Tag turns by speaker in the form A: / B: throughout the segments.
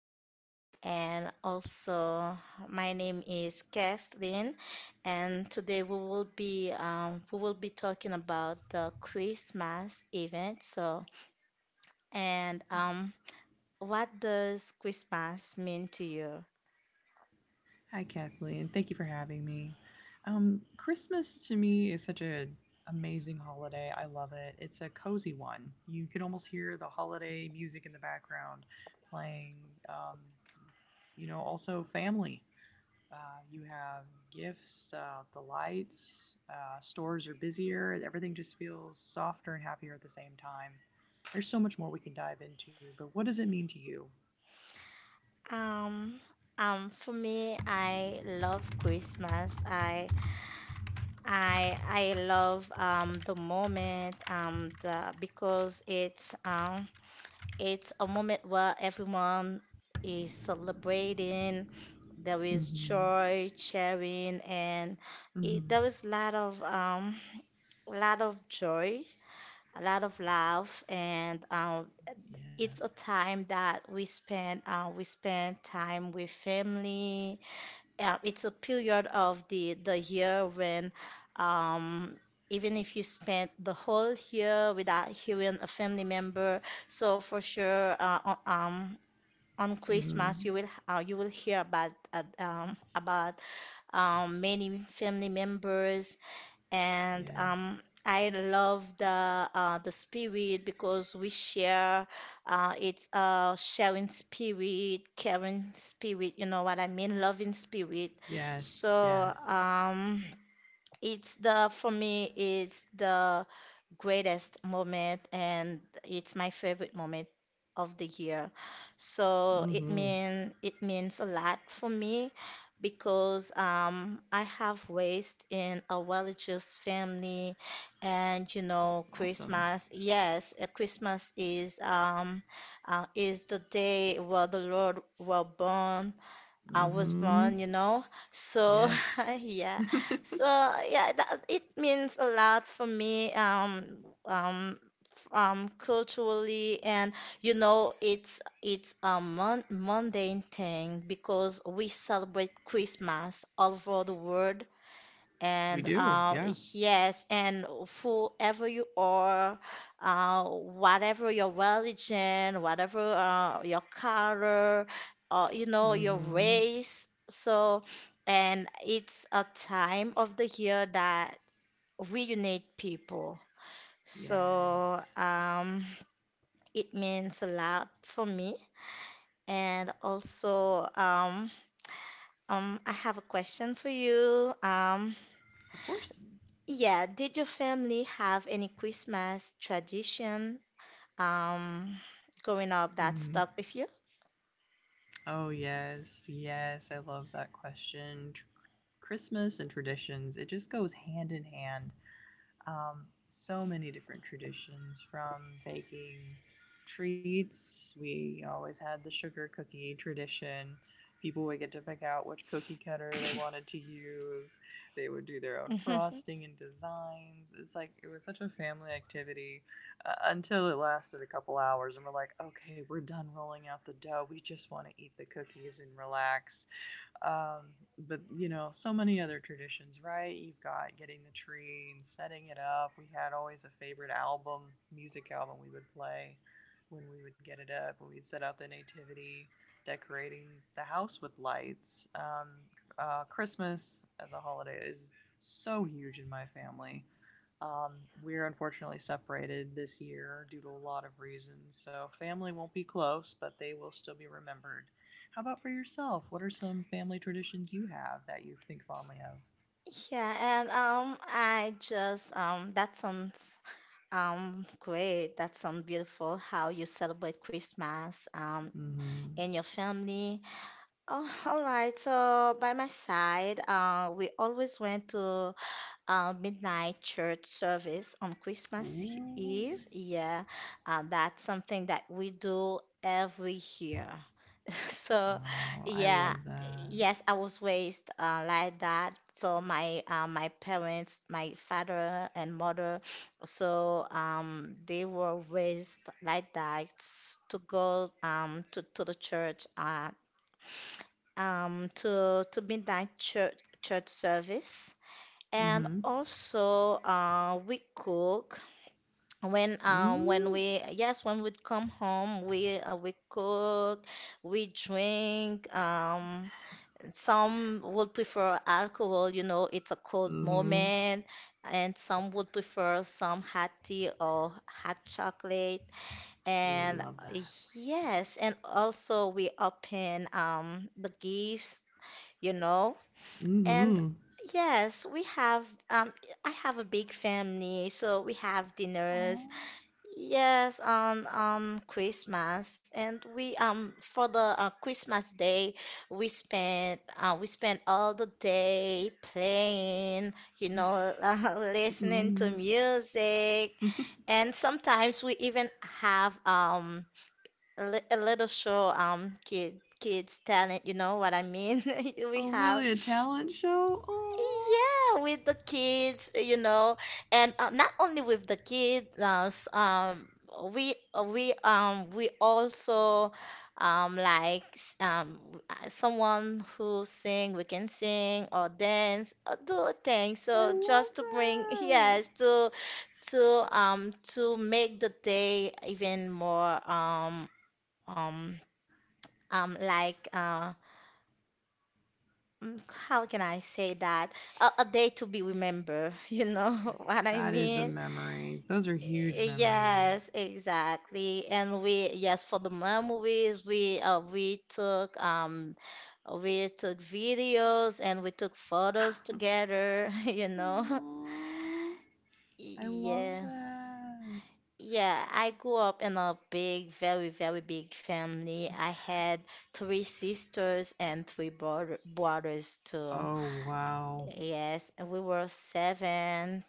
A: Anna. And also, my name is Kathleen, and today we will be talking about the Christmas event. So, and What does Christmas mean to you?
B: Hi, Kathleen. Thank you for having me. Christmas to me is such an amazing holiday. I love it. It's a cozy one. You can almost hear the holiday music in the background playing. Um, Also family. Uh, you have gifts, the lights, stores are busier, and everything just feels softer and happier at the same time. There's so much more we can dive into, but what does it mean to you?
A: Um, for me, I love Christmas. I love the moment the because it's a moment where everyone is celebrating. There is
B: Mm-hmm.
A: joy, sharing, and there
B: Mm-hmm.
A: is a lot of joy, a lot of love, and
B: Yes.
A: it's a time that we spend time with family. It's a period of the year when um, even if you spent the whole year without hearing a family member. So for sure, on
B: Mm-hmm.
A: Christmas you will hear about many family members and
B: Yes.
A: um, I love the spirit because we share it's a sharing spirit, caring spirit, you know what I mean, loving spirit.
B: Yes.
A: So
B: Yes.
A: um, it's the greatest moment and it's my favorite moment of the year. So
B: Mhm.
A: it means a lot for me because I have raised in a religious family, and you know
B: Awesome.
A: Christmas, yes, Christmas is the day where the Lord were born, I was
B: Mhm.
A: born, you know. So
B: Yes.
A: yeah, so yeah, it means a lot for me. Um, Culturally, and you know, it's a mon mundane thing because we celebrate Christmas all over the world,
B: We
A: and
B: do. Yeah.
A: yes, and whoever you are, whatever your religion, whatever your color, or you know your
B: Mhm.
A: race. So, and it's a time of the year that reunite people. So,
B: Yes.
A: um, it means a lot for me. And also, I have a question for you.
B: Of course.
A: Yeah, did your family have any Christmas tradition um growing up that
B: Mhm.
A: stuck with you?
B: Oh, yes. Yes, I love that question. Christmas and traditions, it just goes hand in hand. So many different traditions, from baking treats. We always had the sugar cookie tradition. People would get to pick out which cookie cutter they wanted to use. They would do their own frosting and designs. It's like it was such a family activity until it lasted a couple hours, and we're like, okay, we're done rolling out the dough. We just want to eat the cookies and relax. Um, but so many other traditions, right? You've got getting the tree and setting it up. We had always a favorite album, music album we would play when we would get it up, when we'd set out the nativity, decorating the house with lights. Christmas as a holiday is so huge in my family. Um, we're unfortunately separated this year due to a lot of reasons. So family won't be close, but they will still be remembered. How about for yourself? What are some family traditions you have that you think fondly of?
A: Yeah, and I just that sounds great. That sounds beautiful how you celebrate Christmas
B: Mm-hmm.
A: in your family. Oh, all right. So by my side, we always went to midnight church service on Christmas
B: Ooh.
A: Eve. Yeah, that's something that we do every year. So,
B: Oh, I
A: yeah,
B: love that.
A: yes, I was raised like that. So my parents, my father and mother, they were raised like that to go to the church, to midnight church service. And
B: Mm-hmm.
A: also, we cook when um when
B: Mm.
A: we yes when we'd come home we cook, we drink, some would prefer alcohol, you know, it's a cold
B: Mm-hmm.
A: moment, and some would prefer some hot tea or hot chocolate,
B: Oh,
A: and
B: love
A: uh,
B: that.
A: yes, and also we open the gifts, you know. And
B: Mm-hmm.
A: yes, we have I have a big family, so we have dinners.
B: Oh.
A: Yes, on Christmas. And we for the Christmas day, we spent all the day playing, you know, listening to
B: Mm.
A: music, and sometimes we even have a little show, kids talent, you know what I mean? We
B: Oh,
A: have,
B: really? A talent show? Oh,
A: yeah, with the kids, you know, and not only with the kids, we also someone who sing, we can sing or dance or do things.
B: I
A: So just
B: love
A: to bring,
B: that.
A: yes, to make the day even more um um like uh Mm, how can I say that? A day to be remembered, you know, what I
B: That is a
A: mean?
B: memory. Those are huge memories.
A: Yes, exactly. And we, yes, for the memories, we took videos and we took photos together, you know.
B: Aw, I love
A: Yeah.
B: that.
A: Yeah, I grew up in a big, very, very big family. I had three sisters and three brothers too.
B: Oh, wow.
A: Yes, and we were seven,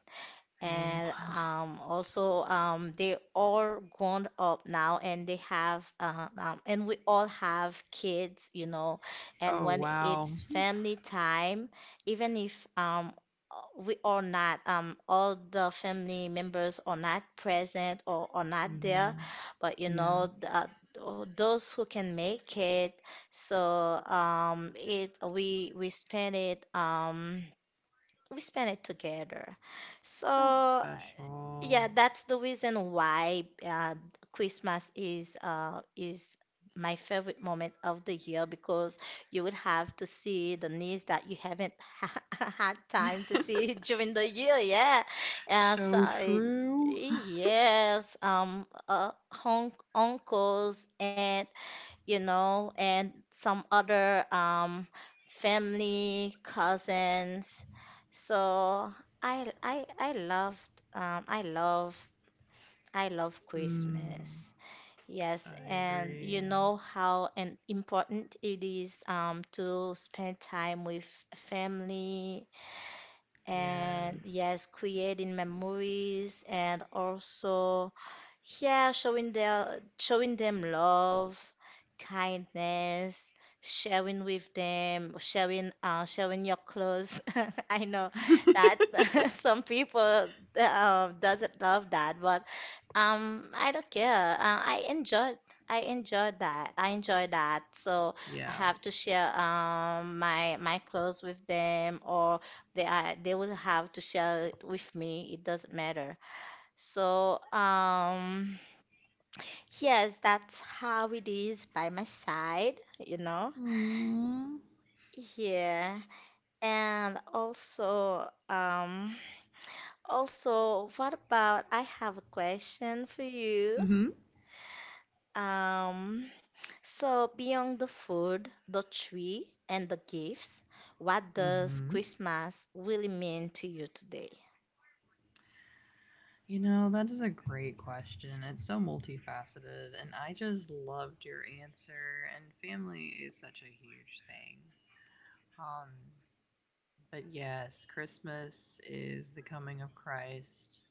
A: and
B: Wow.
A: also they all grown up now and they have and we all have kids, you know, and
B: Oh,
A: when
B: wow.
A: it's family time, even if we are not all the family members are not present or are not there,
B: Mhm.
A: but you
B: Yeah,
A: know those who can make it, so it we we spend it together.
B: that's
A: So
B: special.
A: yeah, that's the reason why Christmas is my favorite moment of the year, because you would have to see the needs that you haven't had time to see during the year. Yeah, so
B: So true.
A: yes, hon uncles and you know, and some other family, cousins. So I loved I love
B: Mm,
A: Christmas. Yes,
B: I
A: and you
B: agree.
A: know how and important it is to spend time with family, and
B: Yes.
A: yes, creating memories, and also yeah, showing them love, kindness, sharing with them, sharing your clothes. I know that some people doesn't love that, but I don't care. I enjoyed, I enjoyed that. I enjoyed that. So I
B: Yeah.
A: have to share my clothes with them, or they are, they will have to share it with me. It doesn't matter. So, yes, that's how it is by my side, you know.
B: Mm.
A: Yeah. And also, also, what about I have a question for you.
B: Mhm.
A: Um, so beyond the food, the tree, and the gifts, what does
B: Mhm.
A: Christmas really mean to you today?
B: You know, that is a great question. It's so multifaceted, and I just loved your answer. And family is such a huge thing. Um, But yes, Christmas is the coming of Christ,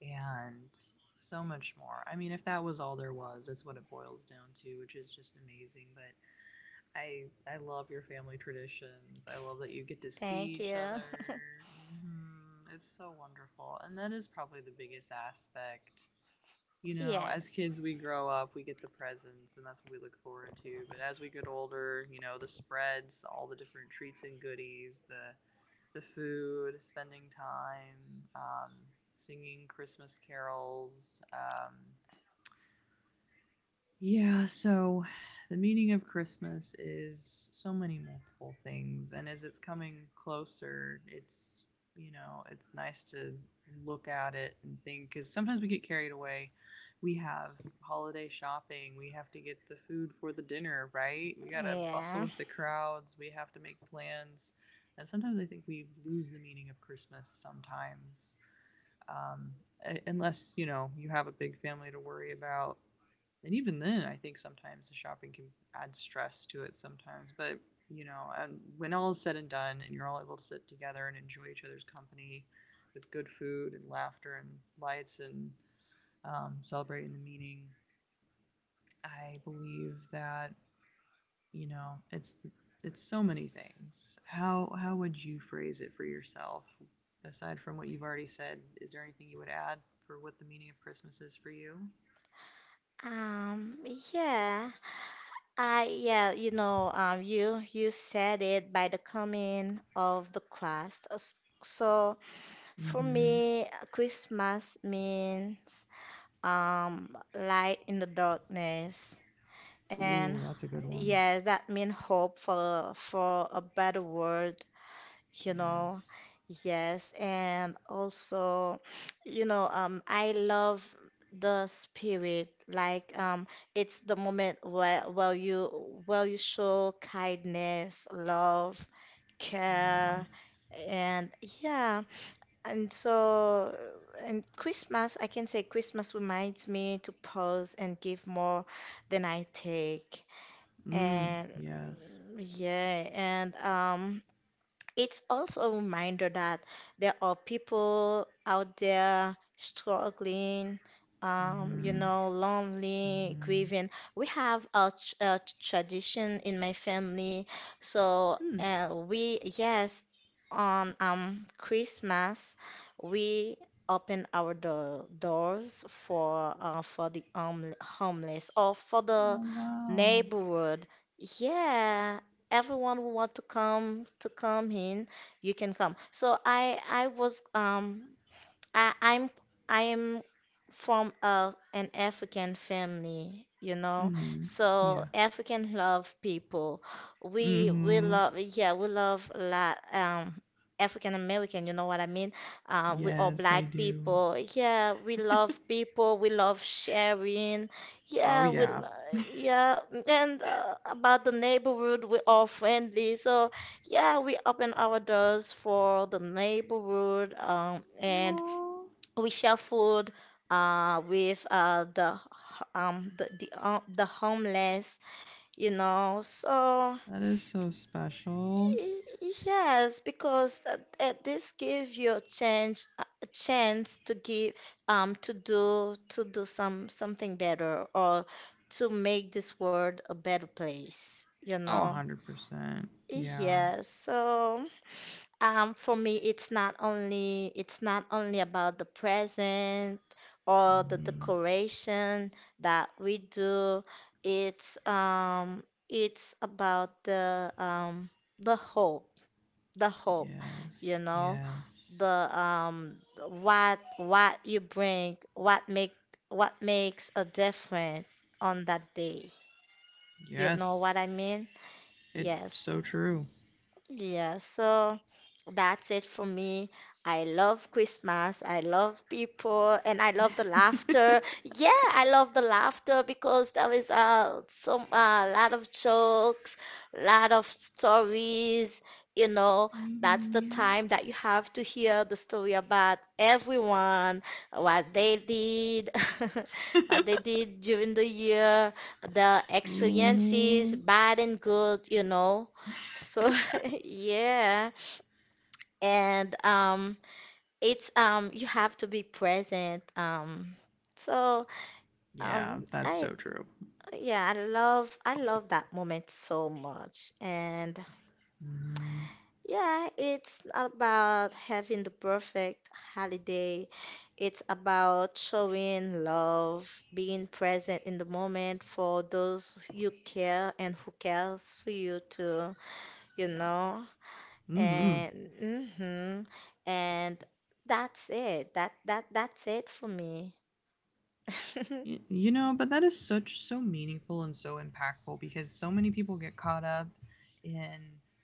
B: and so much more. I mean, if that was all there was, that's what it boils down to, which is just amazing. But I love your family traditions. I love that you get to see
A: Thank
B: each
A: you.
B: other. It's so wonderful. And that is probably the biggest aspect. As
A: Yes.
B: kids, we grow up, we get the presents, and that's what we look forward to. But as we get older, the spreads, all the different treats and goodies, the food, spending time, singing Christmas carols, yeah, so the meaning of Christmas is so many multiple things. And as it's coming closer, it's nice to look at it and think, because sometimes we get carried away. We have holiday shopping, we have to get the food for the dinner, right? We got to bustle
A: Yeah.
B: with the crowds, we have to make plans. And sometimes I think we lose the meaning of Christmas sometimes. Um, Unless, you have a big family to worry about. And even then, I think sometimes the shopping can add stress to it sometimes. But, you know, and when all is said and done, and you're all able to sit together and enjoy each other's company, with good food and laughter and lights and celebrating the meeting, I believe that you know it's the, it's so many things. How would you phrase it for yourself? Aside from what you've already said, is there anything you would add for what the meaning of Christmas is for you?
A: Um, yeah. I Yeah, you know, you you said it by the coming of the Christ. So for
B: Mm-hmm.
A: me, Christmas means light in the darkness, and
B: Ooh, that's a good one.
A: yes, that means hope for a better world, you know.
B: Yes.
A: Yes, and also, you know, I love the spirit. Like, it's the moment where you show kindness, love, care,
B: Yes.
A: and yeah. And so, and Christmas, I can say Christmas reminds me to pause and give more than I take.
B: Mm.
A: And
B: Yes.
A: yeah, and. It's also a reminder that there are people out there struggling, you
B: Mm-hmm.
A: know, lonely,
B: Mm-hmm.
A: grieving. We have a, a tradition in my family, so
B: Hmm.
A: we, yes, on Christmas, we open our do doors for the homeless or for the
B: Oh, wow.
A: neighborhood. Yeah, everyone who want to come, to come in, you can come. So I was I, I'm I am from a, an African family, you know.
B: Mm-hmm.
A: So
B: Yeah.
A: African love people. We
B: Mm-hmm.
A: love, yeah, we love a lot, African American, you know what I mean? We all
B: Yes,
A: black
B: I do.
A: people. Yeah, we love people. We love sharing.
B: Oh,
A: Yeah,
B: yeah.
A: yeah. And about the neighborhood, we all friendly. So yeah, we open our doors for the neighborhood, and
B: Aww.
A: we share food with the the homeless, you know. So
B: That is so special.
A: y- yes, because this gives you a chance, a chance to give, to do something better, or to make this world a better place, you
B: Oh, a
A: know.
B: hundred percent. Yeah.
A: Yes, so um, for me, it's not only about the present or the
B: Mm-hmm.
A: decoration that we do. It's um it's about the hope, the hope, you
B: Yes.
A: know,
B: Yes.
A: the what you bring, what make what makes a difference on that day. You know
B: Yes.
A: what I mean?
B: It's
A: Yes.
B: so true.
A: Yeah, so that's it for me. I love Christmas. I love people and I love the laughter. Yeah, I love the laughter because there is some a lot of jokes, lot of stories, you know. That's the
B: Mm-hmm.
A: time that you have to hear the story about everyone, what they did, what they did during the year, the experiences,
B: Mm-hmm.
A: bad and good, you know. So Yeah. And it's you have to be present. Um, so
B: Yeah, that's
A: I
B: so true.
A: yeah, I love that moment so much. And
B: Mm-hmm.
A: yeah, it's not about having the perfect holiday. It's about showing love, being present in the moment for those you care and who cares for you too, you
B: Yep.
A: know.
B: Mm-hmm.
A: And mhm. And that's it. That's it for me.
B: You know, but that is such, so meaningful and so impactful, because so many people get caught up in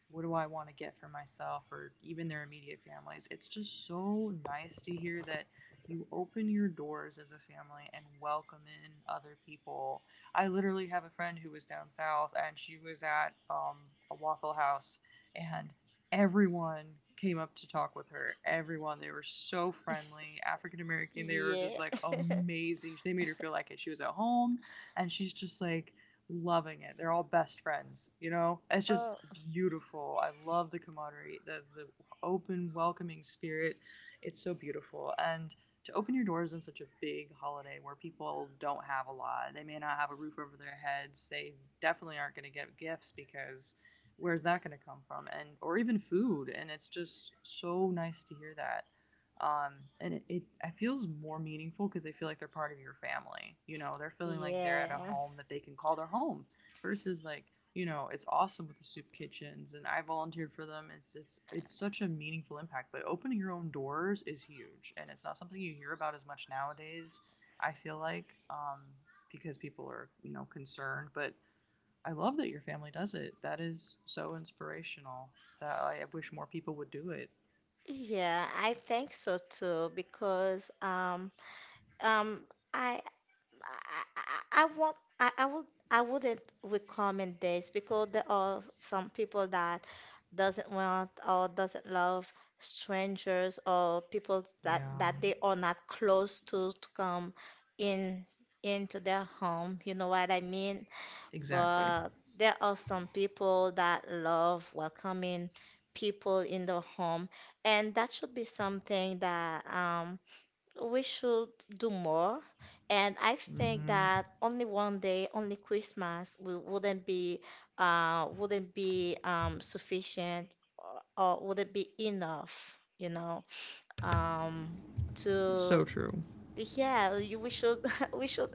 B: what do I want to get for myself, or even their immediate families. It's just so nice to hear that you open your doors as a family and welcome in other people. I literally have a friend who was down south, and she was at a Waffle House, and everyone came up to talk with her. Everyone. They were so friendly. African American. They were just
A: Yeah.
B: like amazing. They made her feel like it. She was at home, and she's just like, loving it. They're all best friends, you know? It's
A: Oh,
B: just beautiful. I love the camaraderie, the open, welcoming spirit. It's so beautiful. And to open your doors on such a big holiday, where people don't have a lot. They may not have a roof over their heads. They definitely aren't going to get gifts, because where's that going to come from, and or even food. And it's just so nice to hear that, um, and it feels more meaningful, because they feel like they're part of your family. They're feeling like they're at a
A: Yeah.
B: home that they can call their home, versus like, it's awesome with the soup kitchens, and I volunteered for them. It's such a meaningful impact, but opening your own doors is huge, and it's not something you hear about as much nowadays, I feel like, because people are, concerned. But I love that your family does it. That is so inspirational. That I wish more people would do it.
A: Yeah, I think so too, because um I I, would I wouldn't recommend this because there are some people that doesn't want or doesn't love strangers or people that
B: Yeah,
A: that they are not close to come in into their home. You know what I mean?
B: exactly.
A: But there are some people that love welcoming people in the home, and that should be something that we should do more. And I think
B: Mm-hmm.
A: that only one day, only Christmas wouldn't be sufficient or wouldn't be enough, you know, um
B: It's
A: to
B: so true.
A: yeah, we should, we should,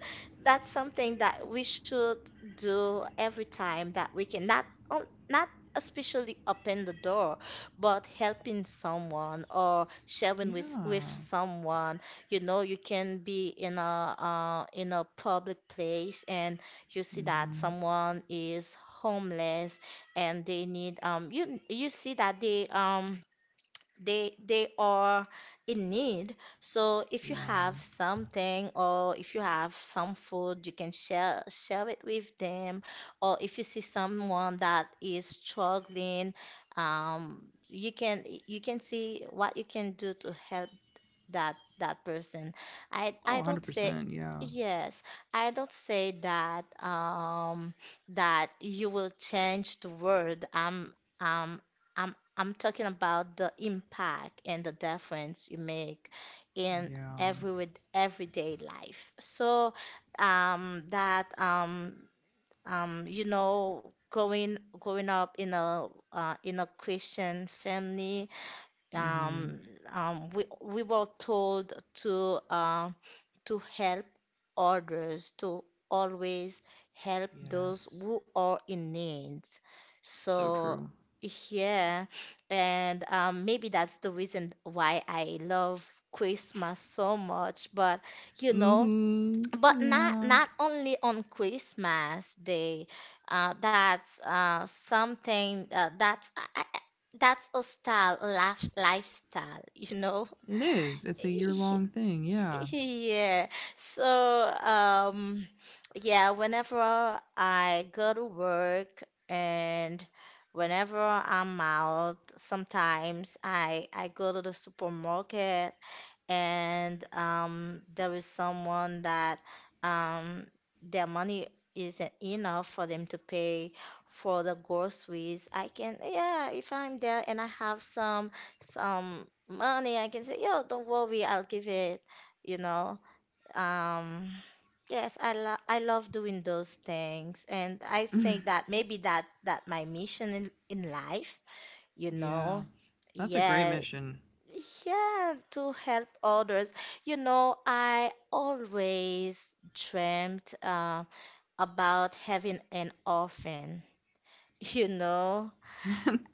A: that's something that we should do every time that we can. Not especially open the door, but helping someone or sharing with
B: Yeah.
A: someone. You know, you can be in a public place and you see that
B: Mm-hmm.
A: someone is homeless and they need you see that they are in need. So if you
B: Yeah.
A: have something or if you have some food, you can share it with them. Or if you see someone that is struggling, um, you can see what you can do to help that person.
B: Oh,
A: I don't say
B: 100%. Yeah.
A: yes. I don't say that that you will change the world. Um I'm talking about the impact and the difference you make in
B: Yeah.
A: everyday life. So that you know going going up in a Christian family.
B: Mm-hmm.
A: Um, um, we we were told to help others, to always help those
B: Yes.
A: who are in need.
B: So
A: So
B: true.
A: yeah, and maybe that's the reason why I love Christmas so much. But you know,
B: Mm-hmm.
A: but not
B: Yeah.
A: not only on Christmas Day. That's something that's I- that's a style, a lifestyle, you know.
B: It is. It's a
A: Y-
B: year-long thing. Yeah.
A: Yeah. So um, yeah. Whenever I go to work and whenever I'm out, sometimes I go to the supermarket and there is someone that um, their money isn't enough for them to pay for the groceries. I can, yeah, if I'm there and I have some money, I can say, yo, don't worry, I'll give it, you know. Um, yes, I love doing those things, and I think that maybe that my mission in life, you
B: Yeah.
A: know.
B: That's a great
A: Yes,
B: mission.
A: yeah, to help others. You know, I always dreamt about having an orphan. You know,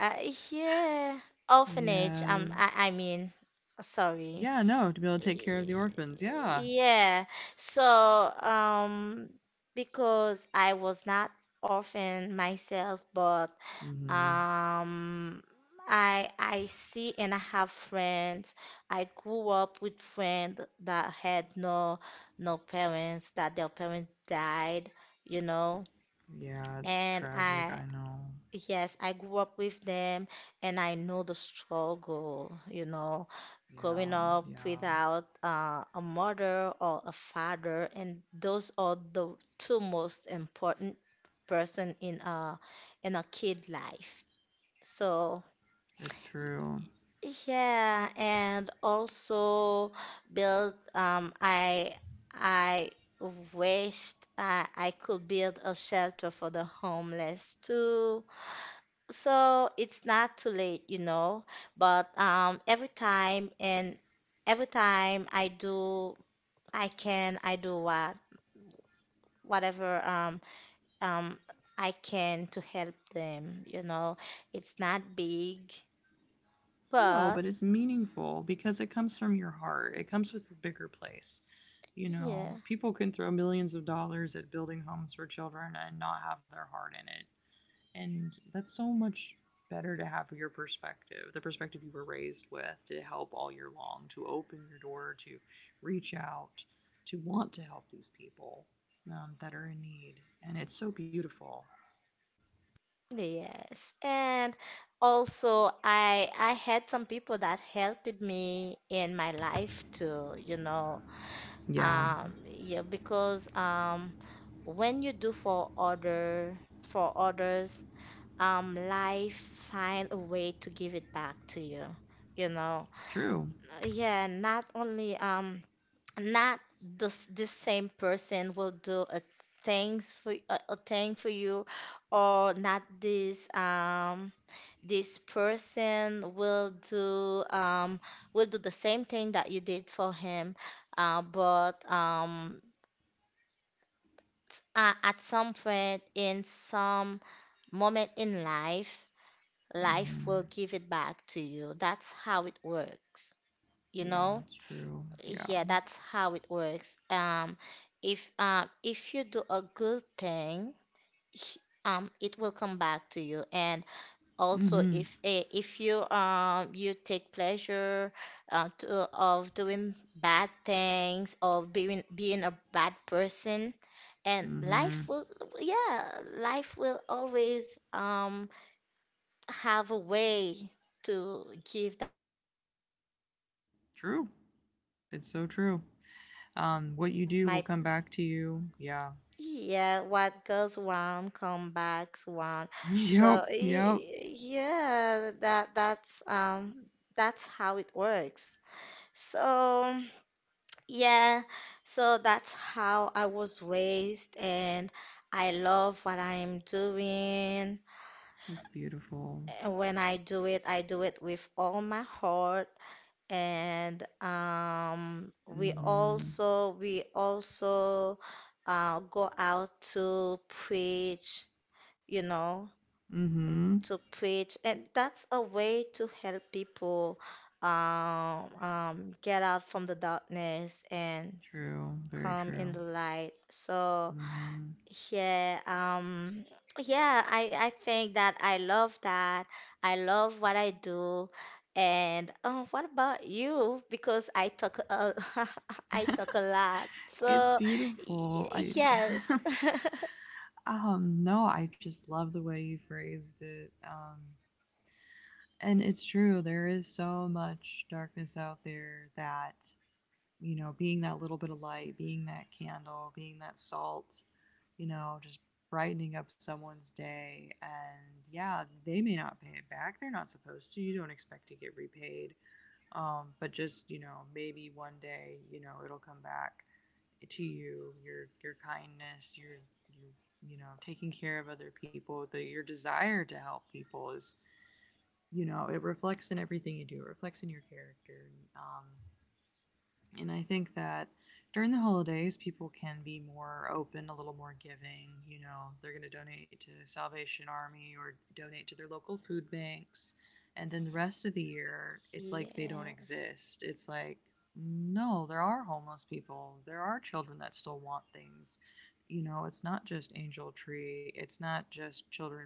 A: uh, yeah, orphanage.
B: Yes.
A: I mean, sorry.
B: Yeah, no, to be able to take care of the orphans. Yeah.
A: Yeah. So, because I was not orphan myself, but
B: Mm-hmm.
A: um, I see and I have friends. I grew up with friends that had no parents, that their parents died, you know.
B: Yeah, it's
A: And
B: tragic,
A: I
B: I know.
A: Yes, I grew up with them and I know the struggle, you know, growing
B: Yeah,
A: up
B: yeah.
A: without a mother or a father, and those are the two most important person in a kid life. So
B: It's true.
A: yeah, and also build I wished I could build a shelter for the homeless too. So it's not too late, you know, but every time I do I can I do what whatever um I can to help them, you know. It's not big,
B: No,
A: but
B: but it's meaningful, because it comes from your heart. It comes with a bigger place. You know,
A: yeah.
B: people can throw millions of dollars at building homes for children, and not have their heart in it. And that's so much better, to have your perspective, the perspective you were raised with, to help all year long, to open your door, to reach out, to want to help these people that are in need. And it's so beautiful.
A: Yes, and also I had some people that helped me in my life too, you know.
B: Yeah,
A: Yeah, because when you do for other for others, life find a way to give it back to you, you know.
B: true.
A: Yeah, not only not this same person will do a thing for you, or not this person will do the same thing that you did for him, uh, but um at some point in some moment in life, life
B: Mm-hmm.
A: will give it back to you. That's how it works, you
B: Yeah,
A: know.
B: it's true. Yeah.
A: Yeah, that's how it works. If you do a good thing, h- it will come back to you. And also,
B: Mm-hmm.
A: if you take pleasure of doing bad things, of being a bad person, and life
B: Mm-hmm.
A: will, yeah, life will always have a way to give that back to you.
B: True. It's so true.
A: So I try
B: What you
A: my
B: do will
A: my
B: come back to you. Yeah.
A: yeah, what goes round come back round.
B: Yep.
A: So
B: Yep.
A: yeah, that's how it works. So, yeah, so that's how I was raised, and I love what I am doing.
B: That's beautiful.
A: And when I do it with all my heart. And um, we
B: Mm-hmm.
A: also we also uh, go out to preach, you know,
B: Mm-hmm.
A: to preach, and that's a way to help people get out from the darkness and
B: True. Very
A: come in
B: true.
A: the light. So
B: Mm-hmm.
A: yeah, yeah, I think that. I love what I do. And oh, what about you? Because I talk a lot.
B: It's
A: So y-
B: beautiful. I
A: yes.
B: no, I just love the way you phrased it. And it's true, there is so much darkness out there, that, being that little bit of light, being that candle, being that salt, just brightening up someone's day. And yeah, they may not pay it back. They're not supposed to. You don't expect to get repaid. But just, maybe one day, it'll come back to you, your kindness, your taking care of other people, the your desire to help people is, it reflects in everything you do. It reflects in your character. And I think that during the holidays, people can be more open, a little more giving. You know, they're going to donate to the Salvation Army, or donate to their local food banks. And then the rest of the year, it's like they don't
A: Yes.
B: exist. It's like, no, there are homeless people. There are children that still want things. You know, it's not just Angel Tree, it's not just children,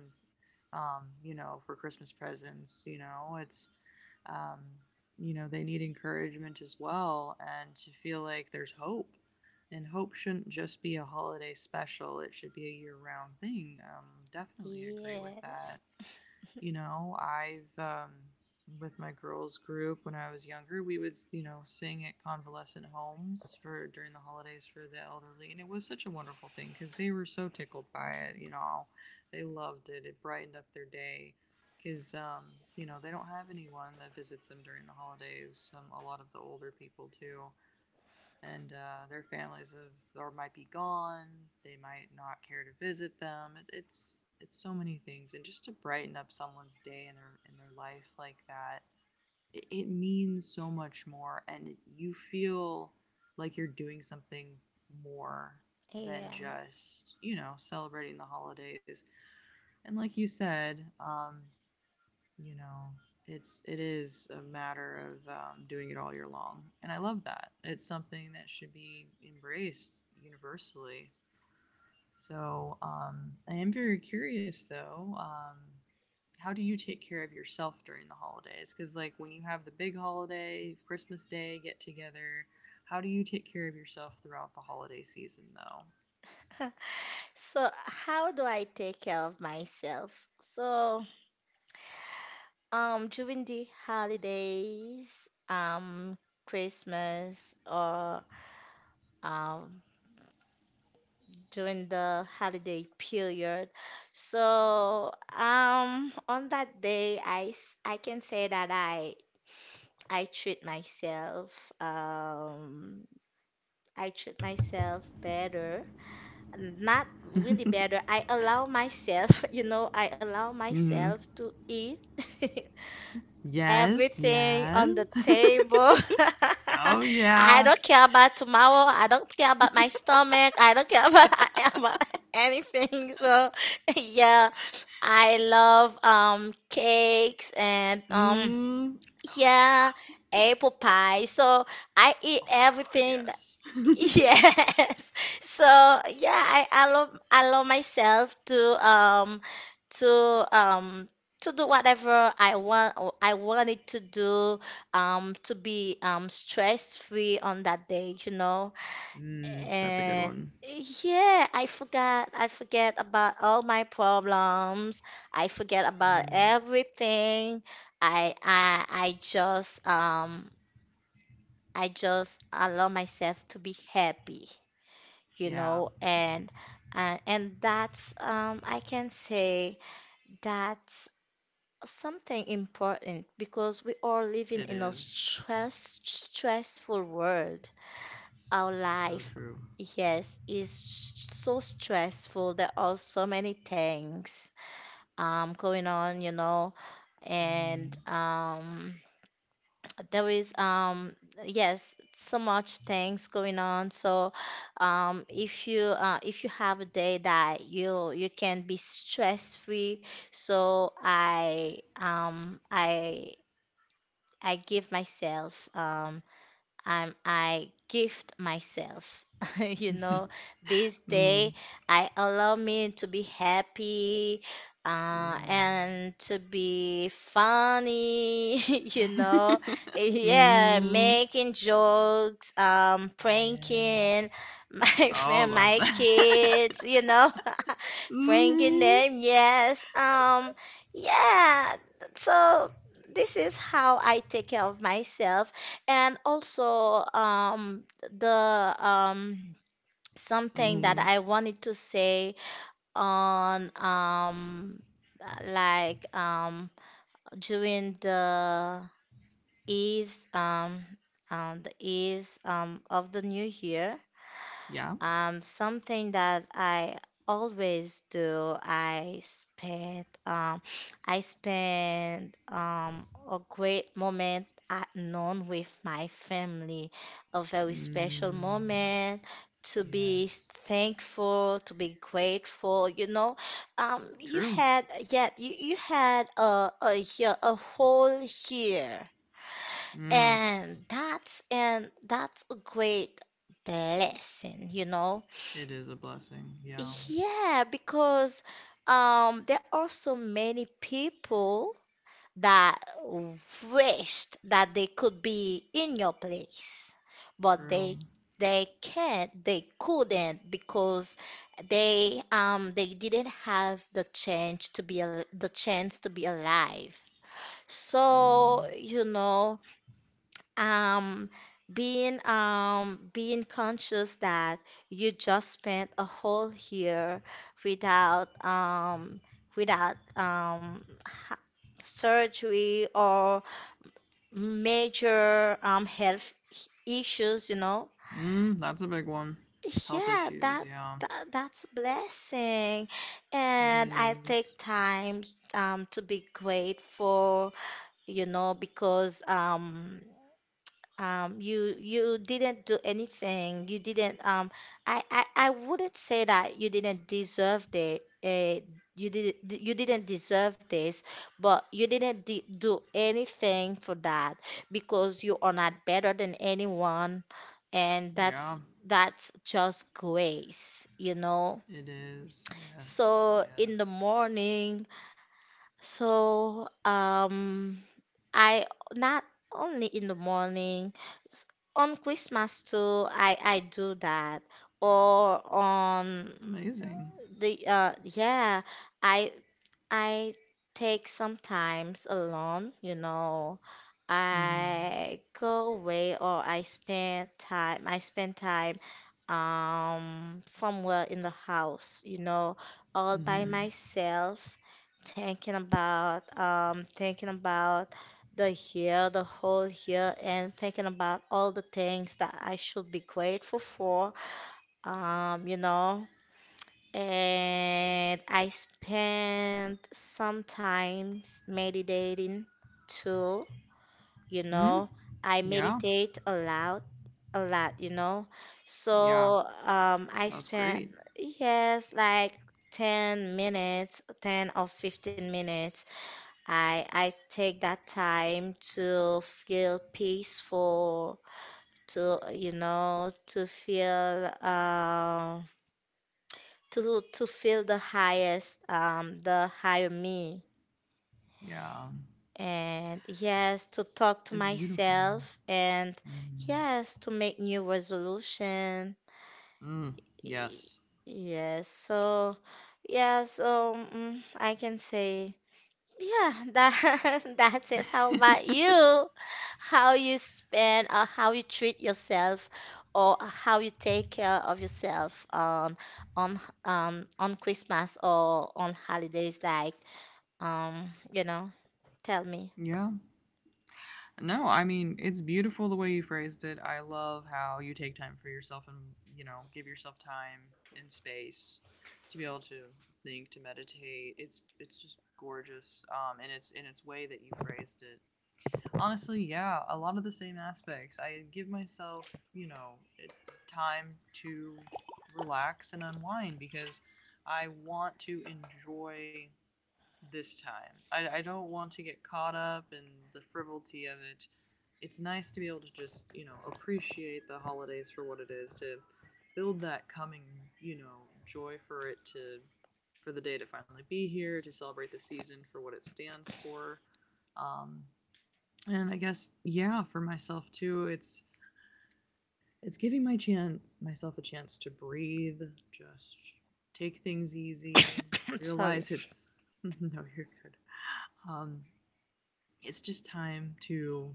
B: for Christmas presents. You know, it's. Um, they need encouragement as well, and to feel like there's hope. And hope shouldn't just be a holiday special, it should be a year round thing. Definitely agree with that.
A: Yes.
B: You know, I've, with my girls group when I was younger, we would sing at convalescent homes for, during the holidays, for the elderly, and it was such a wonderful thing because they were so tickled by it, you know. They loved it. It brightened up their day, because they don't have anyone that visits them during the holidays, a lot of the older people too. And their families have, or might be gone. They might not care to visit them. It's so many things, and just to brighten up someone's day, and their life like that, it means so much more, and you feel like you're doing something more than
A: Yeah.
B: just, celebrating the holidays. And like you said, you know it is a matter of doing it all year long. And I love that it's something that should be embraced universally. So I am very curious, though. How do you take care of yourself during the holidays? Because like, when you have the big holiday Christmas day get together, how do you take care of yourself throughout the holiday season?
A: So, how do I take care of myself? So, during the holidays, Christmas or um during the holiday period. So, on that day, I can say that I treat myself. I treat myself better. Not really
B: Though.
A: better. I allow myself, you know, I allow
B: Mm.
A: myself to eat.
B: yes
A: everything
B: yes
A: on the table.
B: Oh,
A: I
B: yeah.
A: don't care about tomorrow. I don't care about my stomach. I don't care about about anything. So, yeah, I love cakes and
B: Mm. Oh,
A: yeah,
B: yeah.
A: apple pie. So I eat
B: Oh my gosh,
A: everything.
B: yes.
A: Yes. So yeah, I allow myself to to um to do whatever I want or I wanted to do, to be stress free on that day, you know.
B: Mm, that's a good
A: And
B: one.
A: yeah, I forget about all my problems. I forget about
B: Mm,
A: everything. I I I just um I just allow myself to be happy, you
B: yeah,
A: know, and and that's I can say that's something important because we are living
B: it
A: in a
B: is.
A: stressful world. Our
B: So
A: life,
B: true.
A: yes, is so stressful. There are so many things going on, you know, and
B: Mm.
A: there is yes, so much things going on. So if you have a day that you can be stress free, so I give myself, I gift myself. You know, this day
B: Mm,
A: I allow me to be happy,
B: good.
A: and to be funny. You know, yeah,
B: Mm,
A: making jokes,
B: yeah.
A: pranking my
B: Oh,
A: friend,
B: love
A: my
B: that.
A: kids. You know, pranking
B: Mm.
A: them. Yes, yeah. So this is how I take care of myself. And also, the something that
B: Mm,
A: I wanted to say on, like um, during eves um, the eves of the new year,
B: yeah.
A: something that I always do, I spend a great moment at noon with my family, a very special
B: Mm,
A: moment to be
B: yes.
A: thankful, to be grateful. You know, you
B: True.
A: had yeah, you had a year, a whole year,
B: Mm,
A: and that's a great blessing, you know.
B: it is a blessing. Yeah.
A: Yeah, because there are so many people that wished that they could be in your place, but they
B: True.
A: can't, they couldn't because they didn't have the chance to the chance to be alive.
B: True.
A: So, you know, um, being being conscious that you just spent a whole year without without um ha- surgery or major health issues, you know.
B: Mm, that's a big one. Health
A: Yeah,
B: issues, yeah.
A: that that's a blessing.
B: It
A: And I take
B: is.
A: time to be grateful, you know, because you you didn't do anything. You didn't. I wouldn't say that you didn't deserve the. You didn't deserve this, but you didn't de do anything for that because you are not better than anyone, and
B: Yeah,
A: that's just grace, you know.
B: it is. Yes,
A: So in the
B: yes.
A: morning, so um. I, not only in the morning, s- on Christmas too, I do that. Or on
B: It's amazing.
A: the yeah, I I take sometimes alone, you know.
B: Mhm.
A: I go away or I spend time somewhere in the house, you know, all by
B: Mhm.
A: myself, thinking about the year, the whole year, and thinking about all the things that I should be grateful for. You know, and I spend sometimes meditating too, you
B: Mm?
A: know. I
B: Yeah.
A: meditate a lot, you know.
B: Yeah.
A: So I
B: That's
A: spend,
B: great.
A: yes, like 10 minutes, 10 or 15 minutes. I take that time to feel peaceful, to, you know, to feel to feel the higher me,
B: Yeah.
A: and yes, to talk to
B: It's beautiful.
A: myself, and
B: Mm.
A: yes, to make new resolution.
B: Mm.
A: Y-
B: Yes.
A: yes, so yeah, so mm, I can say, yeah, that that's it. How about you? How you spend or how you treat yourself or how you take care of yourself on on Christmas or on holidays like you know, tell me.
B: Yeah. No, I mean, it's beautiful the way you phrased it. I love how you take time for yourself and, you know, give yourself time and space to be able to think, to meditate. It's just gorgeous. And it's in its way that you phrased it. Honestly, yeah, a lot of the same aspects. I give myself, you know, it, time to relax and unwind because I want to enjoy this time. I don't want to get caught up in the frivolity of it. It's nice to be able to just, appreciate the holidays for what it is, to build that coming, joy for it to, for the day to finally be here, to celebrate the season for what it stands for. Um, and I guess, yeah, for myself too, it's, giving my chance, myself a chance to breathe, just take things easy,
A: Sorry.
B: realize it's, no, you're good. Um, it's just time to,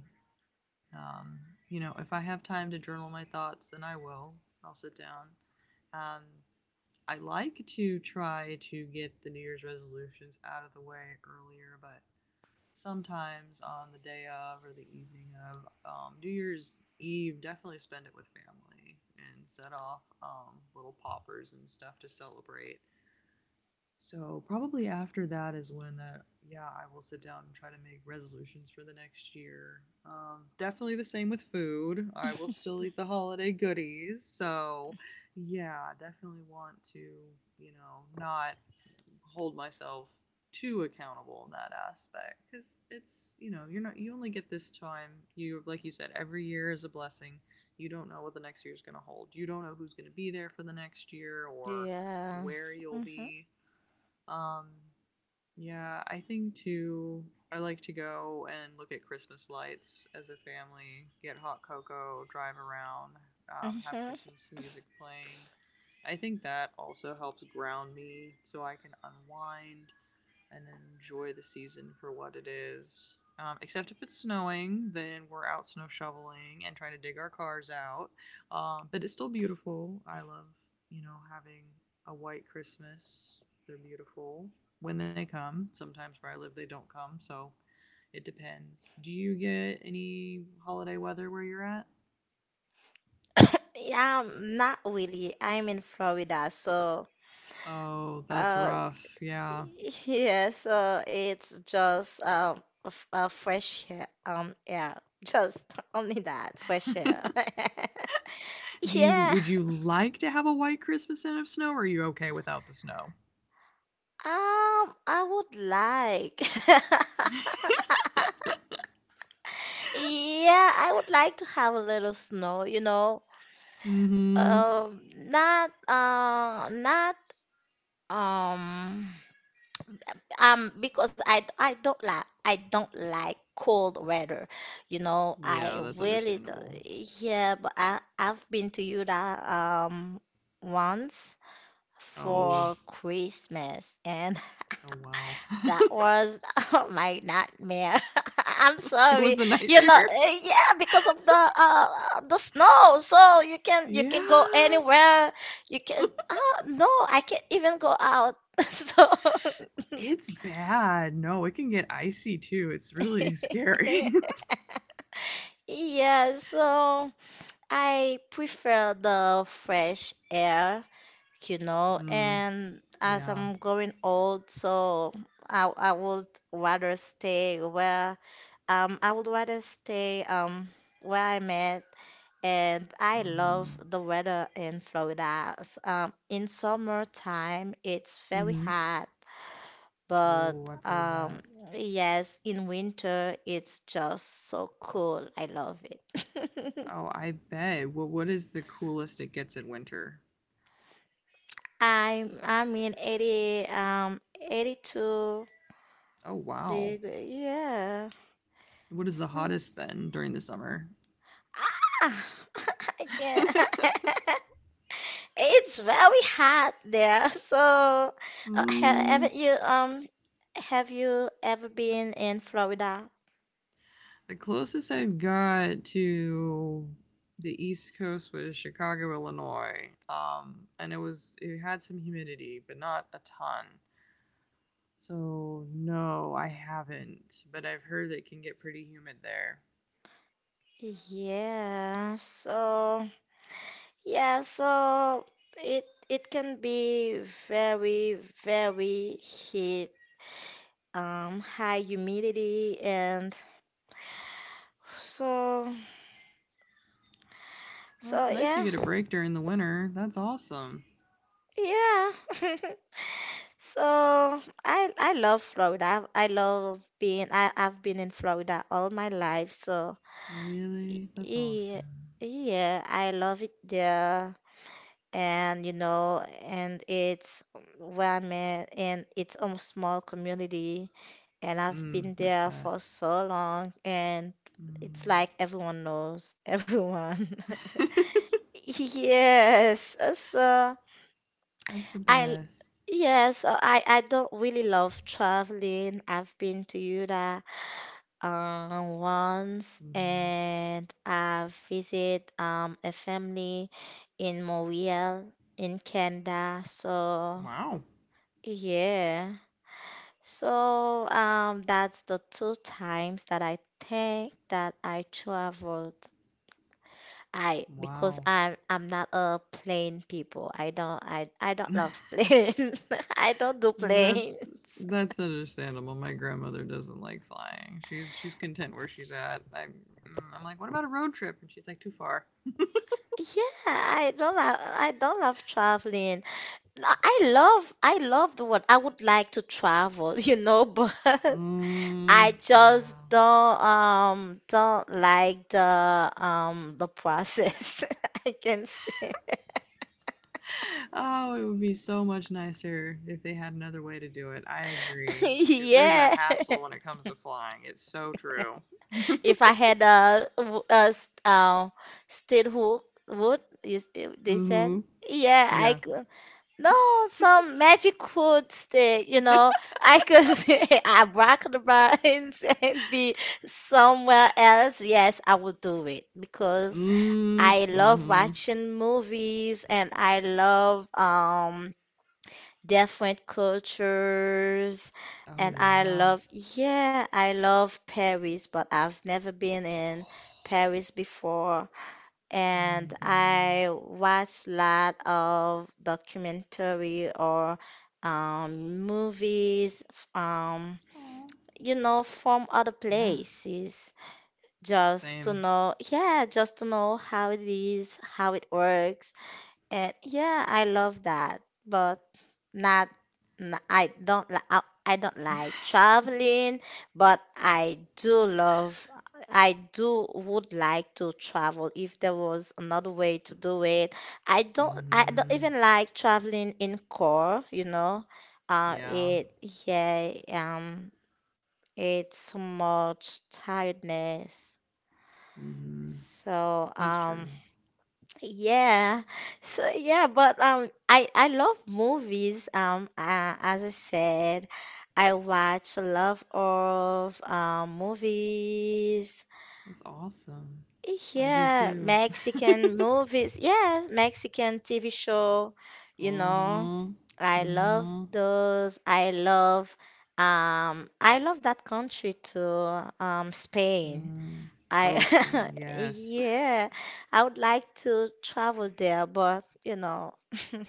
B: um, you know, if I have time to journal my thoughts, then I will. I'll sit down. Um, I like to try to get the New Year's resolutions out of the way earlier, but sometimes on the day of or the evening of New Year's Eve, definitely spend it with family and set off little poppers and stuff to celebrate. So probably after that is when that, yeah, I will sit down and try to make resolutions for the next year. Definitely the same with food. I will still eat the holiday goodies. So yeah, definitely want to, you know, not hold myself too accountable in that aspect cuz it's, you know, you're not you only get this time. You Like you said, every year is a blessing. You don't know what the next year is going to hold. You don't know who's going to be there for the next year or
A: Yeah.
B: where you'll
A: Mm-hmm.
B: be. um, yeah, I think too. I like to go and look at Christmas lights as a family, get hot cocoa, drive around, have
A: Mm-hmm.
B: Christmas music playing. I think that also helps ground me so I can unwind and enjoy the season for what it is. Except if it's snowing, then we're out snow shoveling and trying to dig our cars out. But it's still beautiful. I love, you know, having a white Christmas. They're beautiful when they come. Sometimes where I live, they don't come. So it depends. Do you get any holiday weather where you're at?
A: Yeah, I'm not really. I'm in Florida, so
B: Oh, that's
A: uh.
B: rough. Yeah.
A: Yes, it's just a fresh air, air. Just only that, fresh air.
B: Do you
A: Yeah,
B: Would you like to have a white Christmas and of snow or are you okay without the snow?
A: I would like. Yeah, I would like to have a little snow, you know.
B: Mm-hmm.
A: Not, not, um, because I don't like cold weather. You know, I
B: Yeah, that's
A: really
B: understandable.
A: do- yeah, but I've been to Utah once
B: Oh,
A: for Christmas and
B: oh, wow.
A: that was my nightmare. I'm
B: It
A: sorry.
B: was a nightmare.
A: Yeah, because of the snow. So you can go
B: Yeah.
A: anywhere. You can Oh no, I can't even go out. So
B: It's bad. No, it can get icy too. It's really scary.
A: yeah, so I prefer the fresh air, you know,
B: Mm.
A: and as
B: Yeah.
A: I'm growing old, so I would rather stay where I would rather stay where I'm at, and I
B: Mm-hmm.
A: love the weather in Florida. In summertime, it's very
B: Mm-hmm.
A: hot, but
B: Oh, I've heard
A: um,
B: that.
A: yes, in winter it's just so cool. I love it.
B: Oh, I bet. What is the coolest it gets in winter?
A: I mean 80 82
B: Oh wow.
A: degree. Yeah.
B: What is
A: It's
B: the
A: not-
B: hottest then during the summer?
A: Ah, I can't. It's very hot there. So,
B: Mm.
A: haven't you have you ever been in Florida?
B: The closest I've got to the East Coast was Chicago, Illinois. And it had some humidity, but not a ton. So no, I haven't. But I've heard that it can get pretty humid there.
A: Yeah. So yeah, so it can be very, very heat, high humidity and so
B: Well, it's
A: so
B: nice you
A: yeah,
B: get a break during the winter. That's awesome.
A: yeah. So I love Florida. I love being I've been in Florida all my life, so
B: Really, that's
A: yeah,
B: awesome.
A: yeah, I love it there. And you know, and it's where one man and it's a small community, and I've
B: Mm,
A: been
B: that's
A: there for
B: best.
A: so long, and it's
B: Mm.
A: like everyone knows everyone. Yes, so
B: That's the
A: I
B: best.
A: yes, so I don't really love traveling. I've been to Utah once,
B: Mm.
A: and I've visited a family in Montreal in Canada. So
B: Wow.
A: yeah. So that's the two times that I think that I traveled. I because
B: Wow.
A: I'm not a plane people. I don't love plane. I don't do planes.
B: That's that's understandable. My grandmother doesn't like flying. She's content where she's at. I'm like, what about a road trip? And she's like, too far.
A: Yeah, I don't love traveling. I love the world. I would like to travel, you know, but
B: Mm,
A: I just
B: yeah.
A: don't like the process. I can say,
B: Oh, it would be so much nicer if they had another way to do it. I agree. Because there's a
A: yeah.
B: hassle when it comes to flying. It's so true.
A: If I had a steel hook wood, you still they said,
B: Mm-hmm.
A: yeah, I
B: Yeah.
A: could. No, some magic wood stick, you
B: Mm.
A: know. I could say abracadabra and, and be somewhere else. Yes, I would do it because I love
B: Mm-hmm.
A: watching movies and I love different cultures,
B: Oh,
A: and I
B: yeah.
A: love, yeah, I love Paris, but I've never been in
B: Oh,
A: Paris before.
B: oh, my
A: And
B: goodness.
A: I watch lot of documentary or movies, um
B: Oh.
A: you know, from other
B: Yeah.
A: places, just to
B: Same.
A: know yeah, just to know how it is, how it works. And yeah, I love that, but not, n- I don't li- I don't like traveling, but I do love, I do would like to travel if there was another way to do it. I don't
B: Hmm.
A: even like traveling in car, you know.
B: Yeah.
A: It Yeah, it's so much tiredness.
B: Hmm.
A: So
B: That's true.
A: yeah. So yeah, but I love movies. As I said, I watch a lot of movies.
B: That's awesome. I do
A: Yeah,
B: too.
A: Mexican movies. Yeah, Mexican TV show, you know.
B: Mm-hmm.
A: I love
B: Mm-hmm.
A: those. I love that country too, Spain.
B: Mm. Oh, Spain.
A: I
B: Yes.
A: yeah, I would like to travel there, but you know,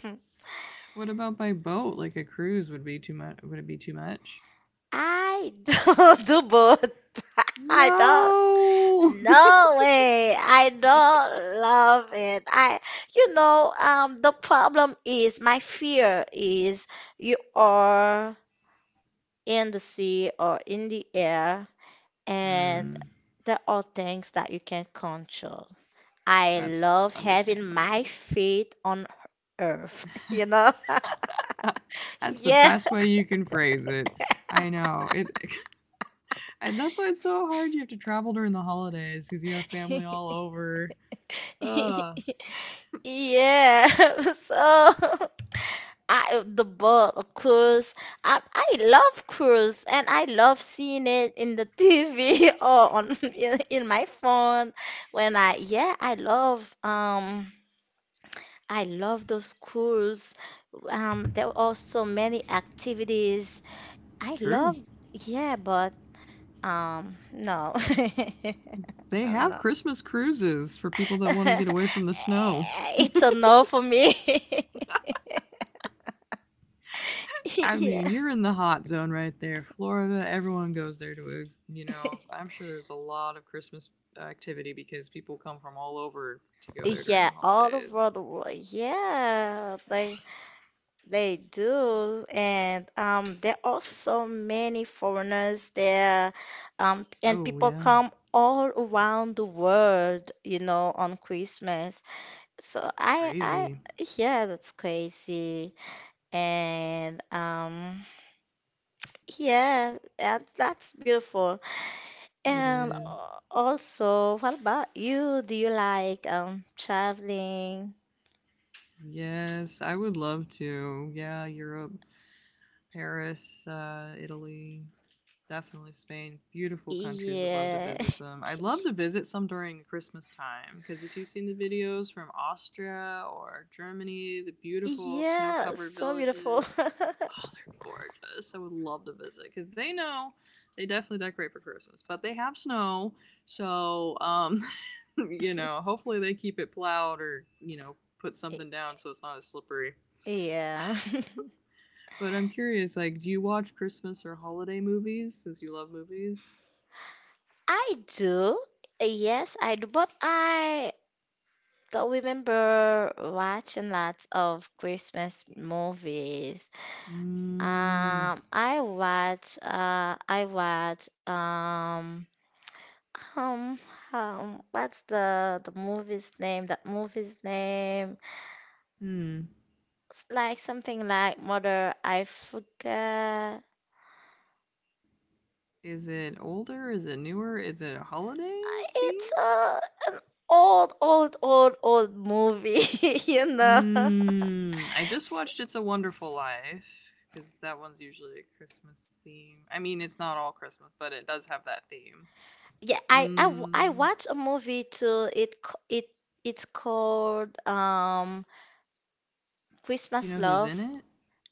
B: What about by boat? Like a cruise would be too much. Would it be too much?
A: I don't do both. I don't.
B: No.
A: No way. I don't love it. You know, the problem is my fear is you are in the sea or in the air, and
B: Mm,
A: there are things that you can control. I
B: that's
A: love having my
B: understandable.
A: feet on earth, you know?
B: That's the
A: Yeah.
B: best way you can phrase it. I know it. And that's why it's so hard. You have to travel during the holidays because you have family all over. Uh,
A: Yeah. So I the book cruise. I love cruise, and I love seeing it in the TV or on in my phone when I, yeah, I love those cruise. There are so many activities. I
B: True.
A: love, yeah, but no,
B: They
A: I'm
B: have
A: not.
B: Christmas cruises for people that want to get away from the snow.
A: It's a no for me.
B: I
A: Yeah,
B: mean, you're in the hot zone right there. Florida, everyone goes there to, you know, I'm sure there's a lot of Christmas activity because people come from all over to go there during
A: yeah,
B: the
A: all
B: holidays.
A: over the world. Yeah, they do, and there are so many foreigners there, and
B: Oh,
A: people
B: yeah.
A: come all around the world, you know, on Christmas. So
B: It's crazy.
A: yeah, that's crazy, and yeah, that, that's beautiful.
B: It
A: And
B: is.
A: also, what about you? Do you like traveling?
B: Yes, I would love to. Yeah, Europe, Paris, Italy, definitely Spain. Beautiful countries. Would love to
A: Yeah.
B: visit them. I'd love to visit some during Christmas time because if you've seen the videos from Austria or Germany, the beautiful snow
A: Yeah,
B: covered
A: so beautiful.
B: villages, oh, they're gorgeous. I would love to visit because they know they definitely decorate for Christmas, but they have snow. So, you know, hopefully they keep it plowed or, put
A: Y-
B: something down so it's not as slippery.
A: Yeah.
B: But I'm curious, like, do you watch Christmas or holiday movies since you love movies?
A: I do. Yes, I do, but I don't remember watching lots of Christmas movies.
B: Mm.
A: I watch Um, what's the movie's name? That movie's name,
B: Hmm.
A: it's like something like Mother. I forget.
B: Is it older? Is it newer? Is it a holiday theme?
A: It's an old, old, old, old movie. You know.
B: Mm, I just watched It's a Wonderful Life because that one's usually a Christmas theme. I mean, it's not all Christmas, but it does have that theme.
A: Yeah, I
B: Mm,
A: watched a movie too. It c- it It's called
B: do you
A: Christmas
B: know who's
A: Love.
B: in it?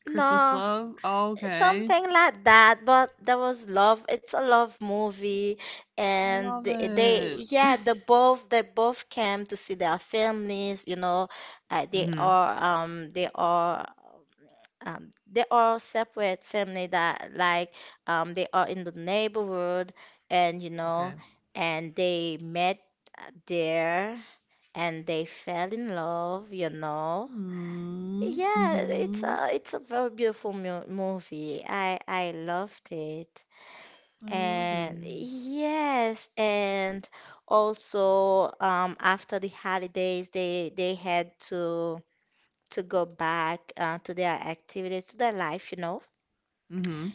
B: Christmas
A: No,
B: Love? Oh, okay.
A: something like that, but there was love, it's a love movie.
B: I
A: And
B: love
A: they,
B: it.
A: yeah, they both came to see their families, you know. uh, they
B: Hmm.
A: are they are, they are separate family that, like, they are in the neighborhood, and you
B: Okay.
A: know, and they met there, and they fell in love, you know.
B: Mm,
A: Yeah,
B: hmm.
A: it's a very beautiful mu movie. I loved it.
B: I love
A: And
B: it.
A: yes, and also after the holidays, they had to go back to their activities, to their life, you know.
B: Mm-hmm.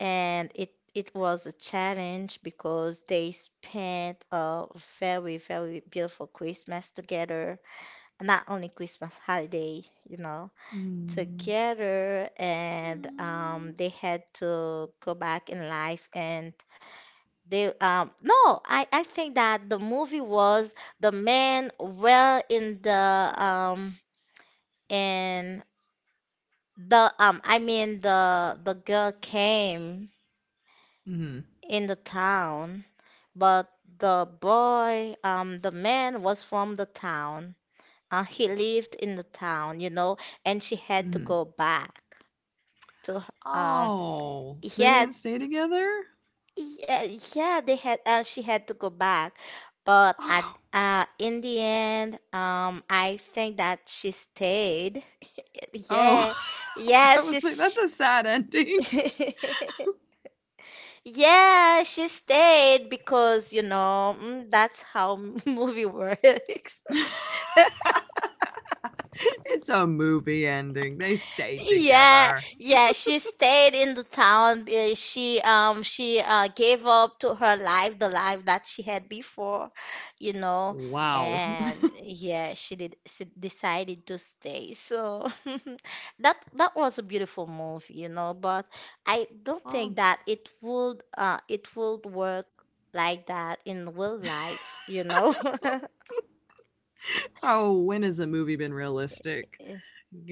A: And it was a challenge because they spent a very, very beautiful Christmas together. Not only Christmas holiday, you know.
B: Mm.
A: Together, and
B: Mm.
A: they had to go back in life, and they no, I think that the movie was the man well um in the I mean the girl came
B: Mm-hmm.
A: in the town, but the man was from the town, he lived in the town, you know, and she had to
B: Mm-hmm.
A: go back to her- um
B: Oh, they
A: yeah.
B: didn't stay together?
A: Yeah, yeah, they had, she had to go back, but at
B: Oh.
A: in the end, I think that she stayed.
B: Oh,
A: Yeah,
B: I
A: yes,
B: was like, that's
A: she's,
B: a sad ending.
A: yeah, she stayed because you know, mm, that's how movie works.
B: It's a movie ending. They stayed
A: Yeah,
B: together.
A: yeah, she stayed in the town. She gave up to her life, the life that she had before, you know,
B: Wow.
A: and yeah, she decided to stay. So that that was a beautiful move, you know, but I don't think that it would work like that in real life, you know.
B: Oh, when has a movie been realistic?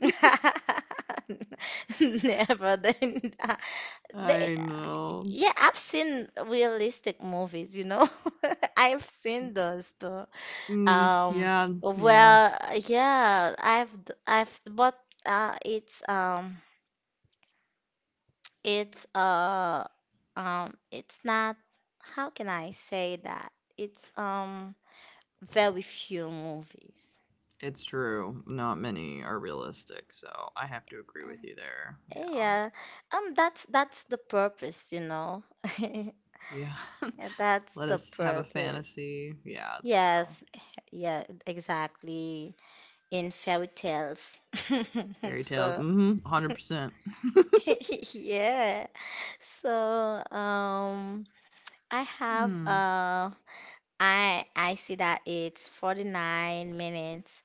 A: Never then. they.
B: I know.
A: Yeah, I've seen realistic movies, you know. I've seen those too.
B: Mm,
A: Um,
B: yeah, yeah,
A: well, yeah, I've, but uh it's um it's uh it's not, how can I say that? It's very few movies.
B: it's true. Not many are realistic, so I have to agree with you
A: Uh,
B: there.
A: Yeah. That's the purpose, you know.
B: Yeah. Yeah.
A: That's
B: Let
A: the
B: us have a
A: purpose.
B: fantasy. Yeah, it's true.
A: Yes. Yeah, exactly. In fairy tales.
B: Fairy tales.
A: So,
B: Mm hmm. 100%.
A: yeah. So, I have
B: Hmm.
A: I see that it's 49 minutes.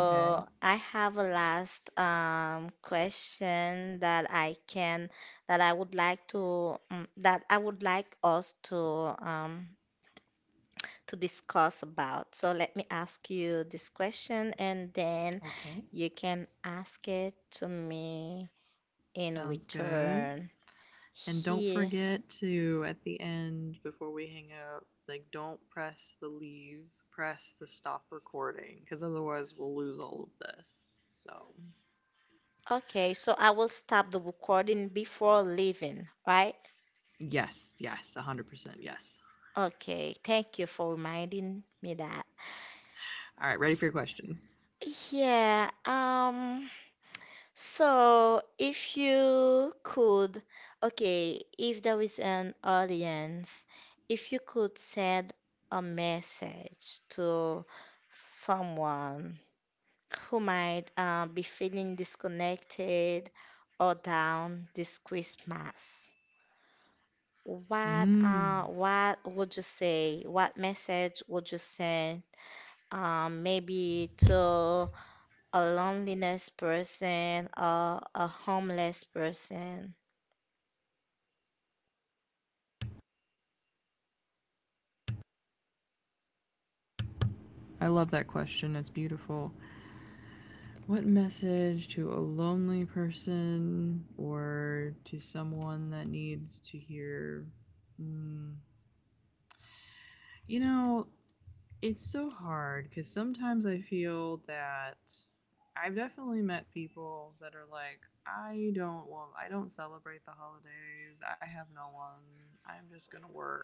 B: Okay.
A: I have a last question that I can, that I would like to that I would like us um to discuss about. So let me ask you this question, and then
B: Okay.
A: you can ask it to me in
B: Sounds good.
A: return.
B: And don't
A: Here.
B: forget to, at the end, before we hang up, like, don't press the leave, press the stop recording, because otherwise we'll lose all of this. So,
A: Okay, so I will stop the recording before leaving, right?
B: yes, yes, 100% yes.
A: Okay, thank you for reminding me that.
B: All right, ready for
A: S-
B: your question.
A: Yeah, so, if you could, okay, if there is an audience, if you could send a message to someone who might be feeling disconnected or down this Christmas,
B: Mm.
A: what would you say? What message would you send? Maybe to a loneliness person or a homeless person.
B: I love that question. It's beautiful. What message to a lonely person or to someone that needs to hear? mm, You know, it's so hard because sometimes I feel that I've definitely met people that are like, I don't want, I don't celebrate the holidays. I have no one. I'm just going to work.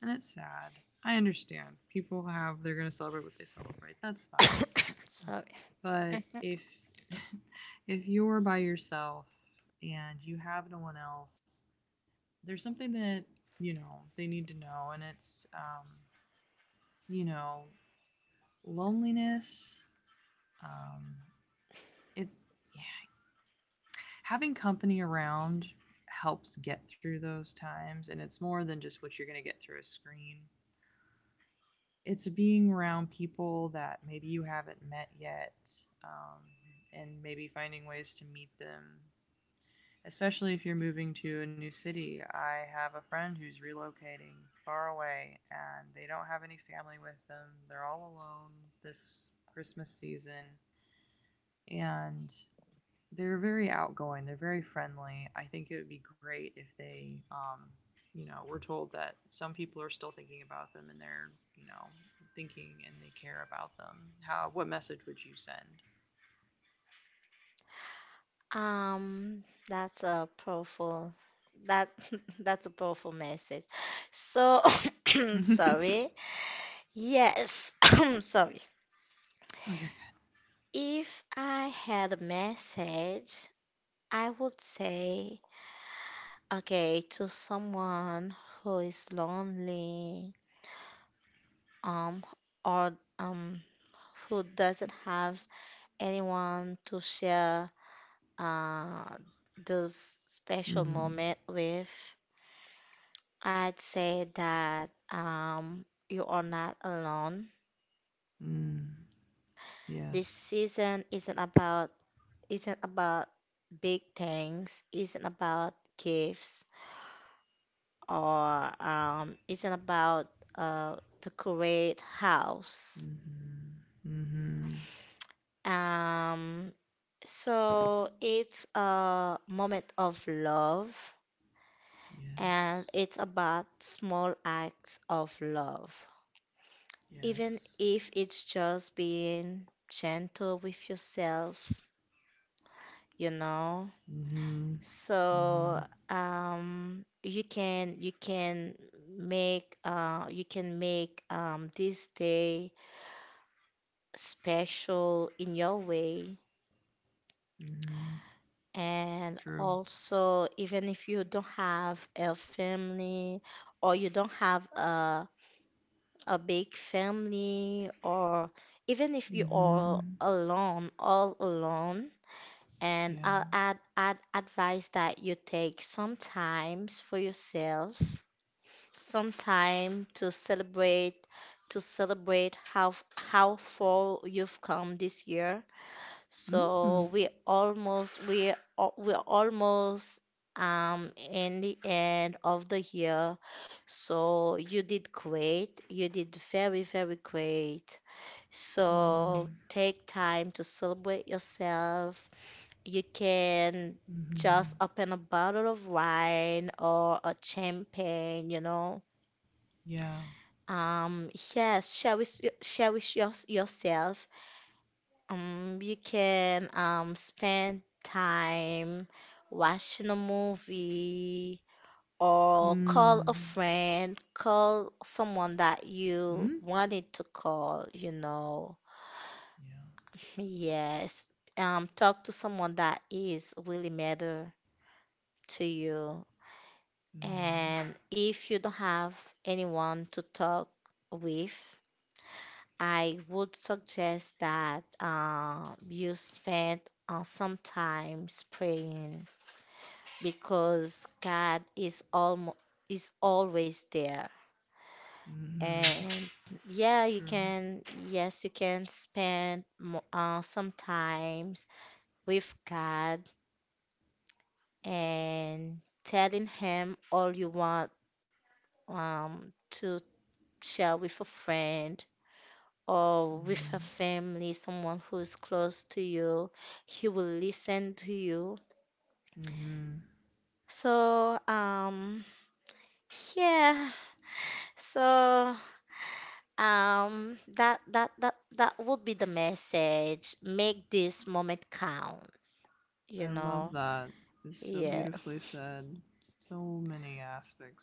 B: And it's sad. I understand. People have, they're going to celebrate what they celebrate. That's fine.
A: Sorry.
B: But if, if you're by yourself and you have no one else, there's something that, you know, they need to know. And it's, you know, loneliness. Um, it's, yeah, having company around helps get through those times, and it's more than just what you're gonna get through a screen. It's being around people that maybe you haven't met yet, um, and maybe finding ways to meet them. Especially if you're moving to a new city. I have a friend who's relocating far away and they don't have any family with them. They're all alone this Christmas season and they're very outgoing. They're very friendly. I think it would be great if they, you know, we're told that some people are still thinking about them and they're, thinking and they care about them. How? What message would you send?
A: Um, that's a powerful that that's a powerful message. So sorry. Yes, sorry.
B: Oh, you're
A: If I had a message, I would say, okay, to someone who is lonely, um, or um, who doesn't have anyone to share, uh, this
B: good.
A: special
B: Mm-hmm.
A: moment with, I'd say that you are not alone.
B: Mm.
A: This
B: Yes.
A: season isn't about big things, isn't about gifts, or isn't about uh, the great house.
B: Mm-hmm. Mm-hmm.
A: Um, so it's a moment of love,
B: Yes.
A: and it's about small acts of love. Even
B: Yes.
A: if it's just being gentle with yourself, you know.
B: Mm-hmm.
A: So,
B: Mm-hmm.
A: you can make, you can make this day special in your way.
B: Mm-hmm.
A: And
B: True.
A: also, even if you don't have a family, or you don't have a big family, or even if you are
B: Mm-hmm.
A: alone, all alone. And
B: Yeah.
A: I'll add, add advice that you take some times for yourself, some time to celebrate how far you've come this year,
B: Mm-hmm.
A: so we almost, we're almost in the end of the year. So you did great. You did very, very great. So
B: Mm-hmm.
A: take time to celebrate yourself. You can just
B: Mm-hmm.
A: open a bottle of wine or a champagne, you know.
B: Yeah.
A: Yes, cherish, cherish your, yourself. You can spend time watching a movie, or call a
B: Mm.
A: friend, call someone that you
B: Mm?
A: wanted to call, you know.
B: Yeah.
A: Yes. Talk to someone that is really matter to you.
B: Mm.
A: And if you don't have anyone to talk with, I would suggest that you spend some time praying because God is almo is always there.
B: Mm-hmm.
A: And yeah, you
B: True.
A: can, yes, you can spend some times with God and telling Him all you want um, to share with a friend or with a
B: Mm-hmm.
A: family, someone who's close to you. He will listen to you.
B: Mm-hmm.
A: So, yeah. So, that that that that would be the message. Make this moment count, you
B: I love
A: know.
B: that. It's so
A: Yeah.
B: beautifully said. So many aspects.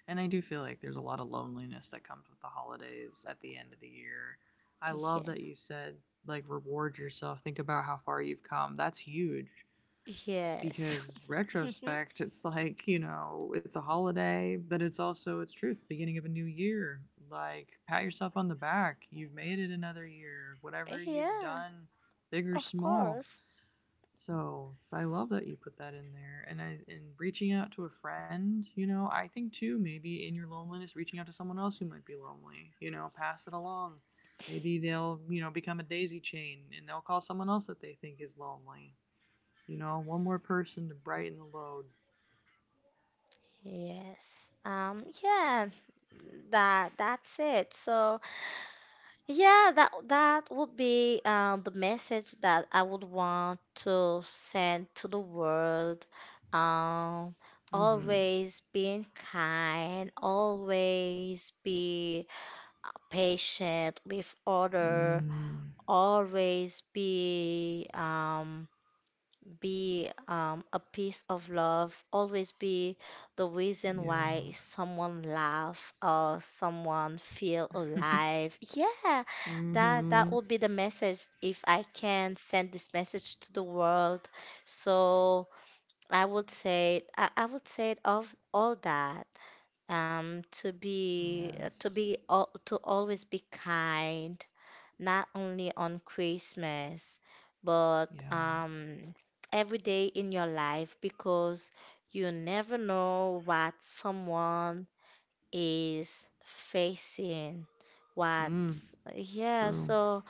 B: And I do feel like there's a lot of loneliness that comes with the holidays at the end of the year. I love
A: Yeah.
B: that you said, like, reward yourself. Think about how far you've come. That's huge.
A: Yes.
B: Because retrospect, it's like, it's a holiday, but it's also, it's true, it's the beginning of a new year. Like, pat yourself on the back, you've made it another year, whatever you've
A: Yeah,
B: done, big or
A: of
B: small.
A: course.
B: So I love that you put that in there. And I and reaching out to a friend, I think too, maybe in your loneliness, reaching out to someone else who might be lonely, pass it along. Maybe they'll, become a daisy chain, and they'll call someone else that they think is lonely, one more person to brighten the load.
A: Yes. Yeah. That that's it. So, yeah, that that would be the message that I would want to send to the world. Um,
B: Mm-hmm.
A: Always being kind, always be patient with other,
B: Mm,
A: always be a piece of love, always be the reason
B: yeah.
A: why someone laugh or someone feel alive. Yeah, that that
B: Mm-hmm.
A: would be the message if I can send this message to the world. So I would say I would say of all that to be,
B: Yes.
A: to always be kind, not only on Christmas, but
B: Yeah.
A: every day in your life, because you never know what someone is facing. What,
B: Mm.
A: yeah,
B: True.
A: so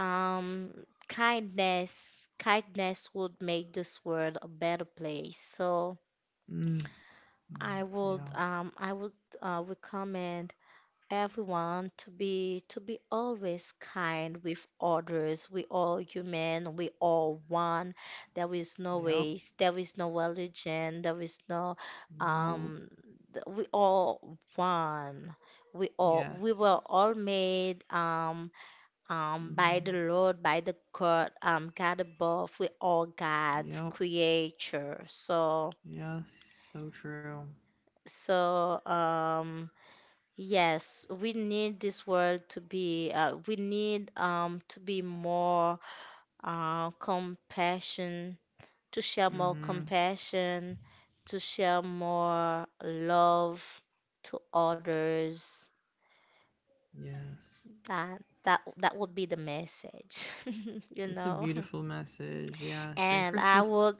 A: um, kindness, kindness would make this world a better place. So
B: Mm. No.
A: I
B: Yeah.
A: would, recommend everyone to be, always kind with others. We all human, we all one. There is no
B: Yep.
A: race, there is no religion, there is no
B: Nope.
A: um we all one. We all, we
B: Yes.
A: were all made by
B: Mm-hmm.
A: the Lord, by the God, God above. We all God's
B: Yep.
A: creature. So
B: Yes. So true.
A: so yes, we need this world to be, we need to be more compassion, to share more
B: Mm-hmm.
A: compassion, to share more love to others.
B: Yes.
A: That that that would be the message, you
B: It's a
A: know.
B: beautiful message. Yes. And
A: And I
B: Christmas.
A: would,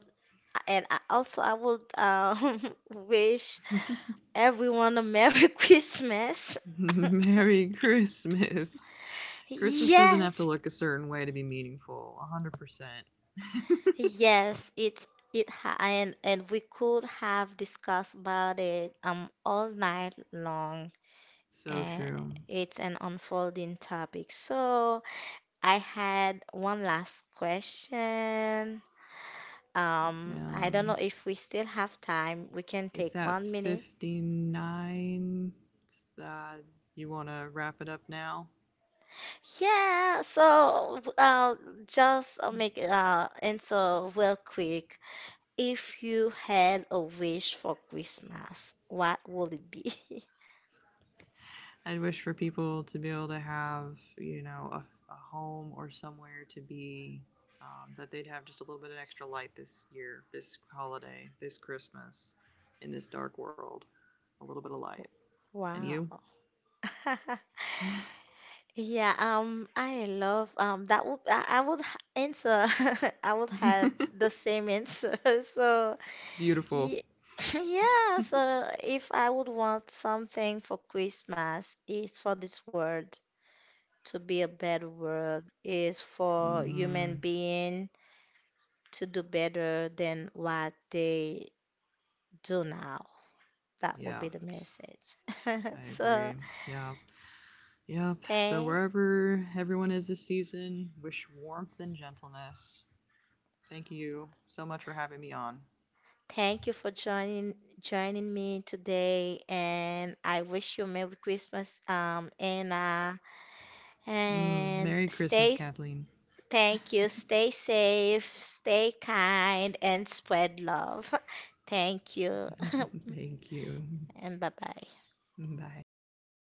A: and I also I would wish everyone a Merry Christmas.
B: Merry Christmas. Christmas doesn't have to
A: Yes.
B: look a certain way to be meaningful. 100%.
A: Yes, it ha and we could have discussed about it all night long.
B: So
A: Uh,
B: true.
A: it's an unfolding topic. So I had one last question. I don't know
B: Um,
A: if we still have time. We can
B: it's
A: take
B: at
A: 1 minute.
B: 59. It's, Uh, you want to wrap it up now?
A: Yeah. So just make answer real quick. If you had a wish for Christmas, what would it be?
B: I'd wish for people to be able to have, a home or somewhere to be, that they'd have just a little bit of extra light this year, this holiday, this Christmas, in this dark world. A little bit of light. And
A: Wow.
B: you?
A: Yeah, I love, that would, answer, I would have the same answer. So
B: Beautiful.
A: ye- yeah, so if I would want something for Christmas, it's for this world to be a better world, is for human
B: Hmm.
A: being to do better than what they do now. That would be
B: Yeah,
A: the
B: s-
A: message.
B: I
A: So
B: agree. Yeah. Yep. So
A: thank
B: wherever everyone is this season, wish warmth and gentleness. Thank you so much for having me on.
A: thank you for joining me today, and I wish you Merry Christmas, Anna.
B: Mm,
A: And
B: Merry Christmas, Kathleen.
A: thank you. Stay safe, stay kind, and spread love. Thank you,
B: Thank you.
A: and bye bye.
B: Bye.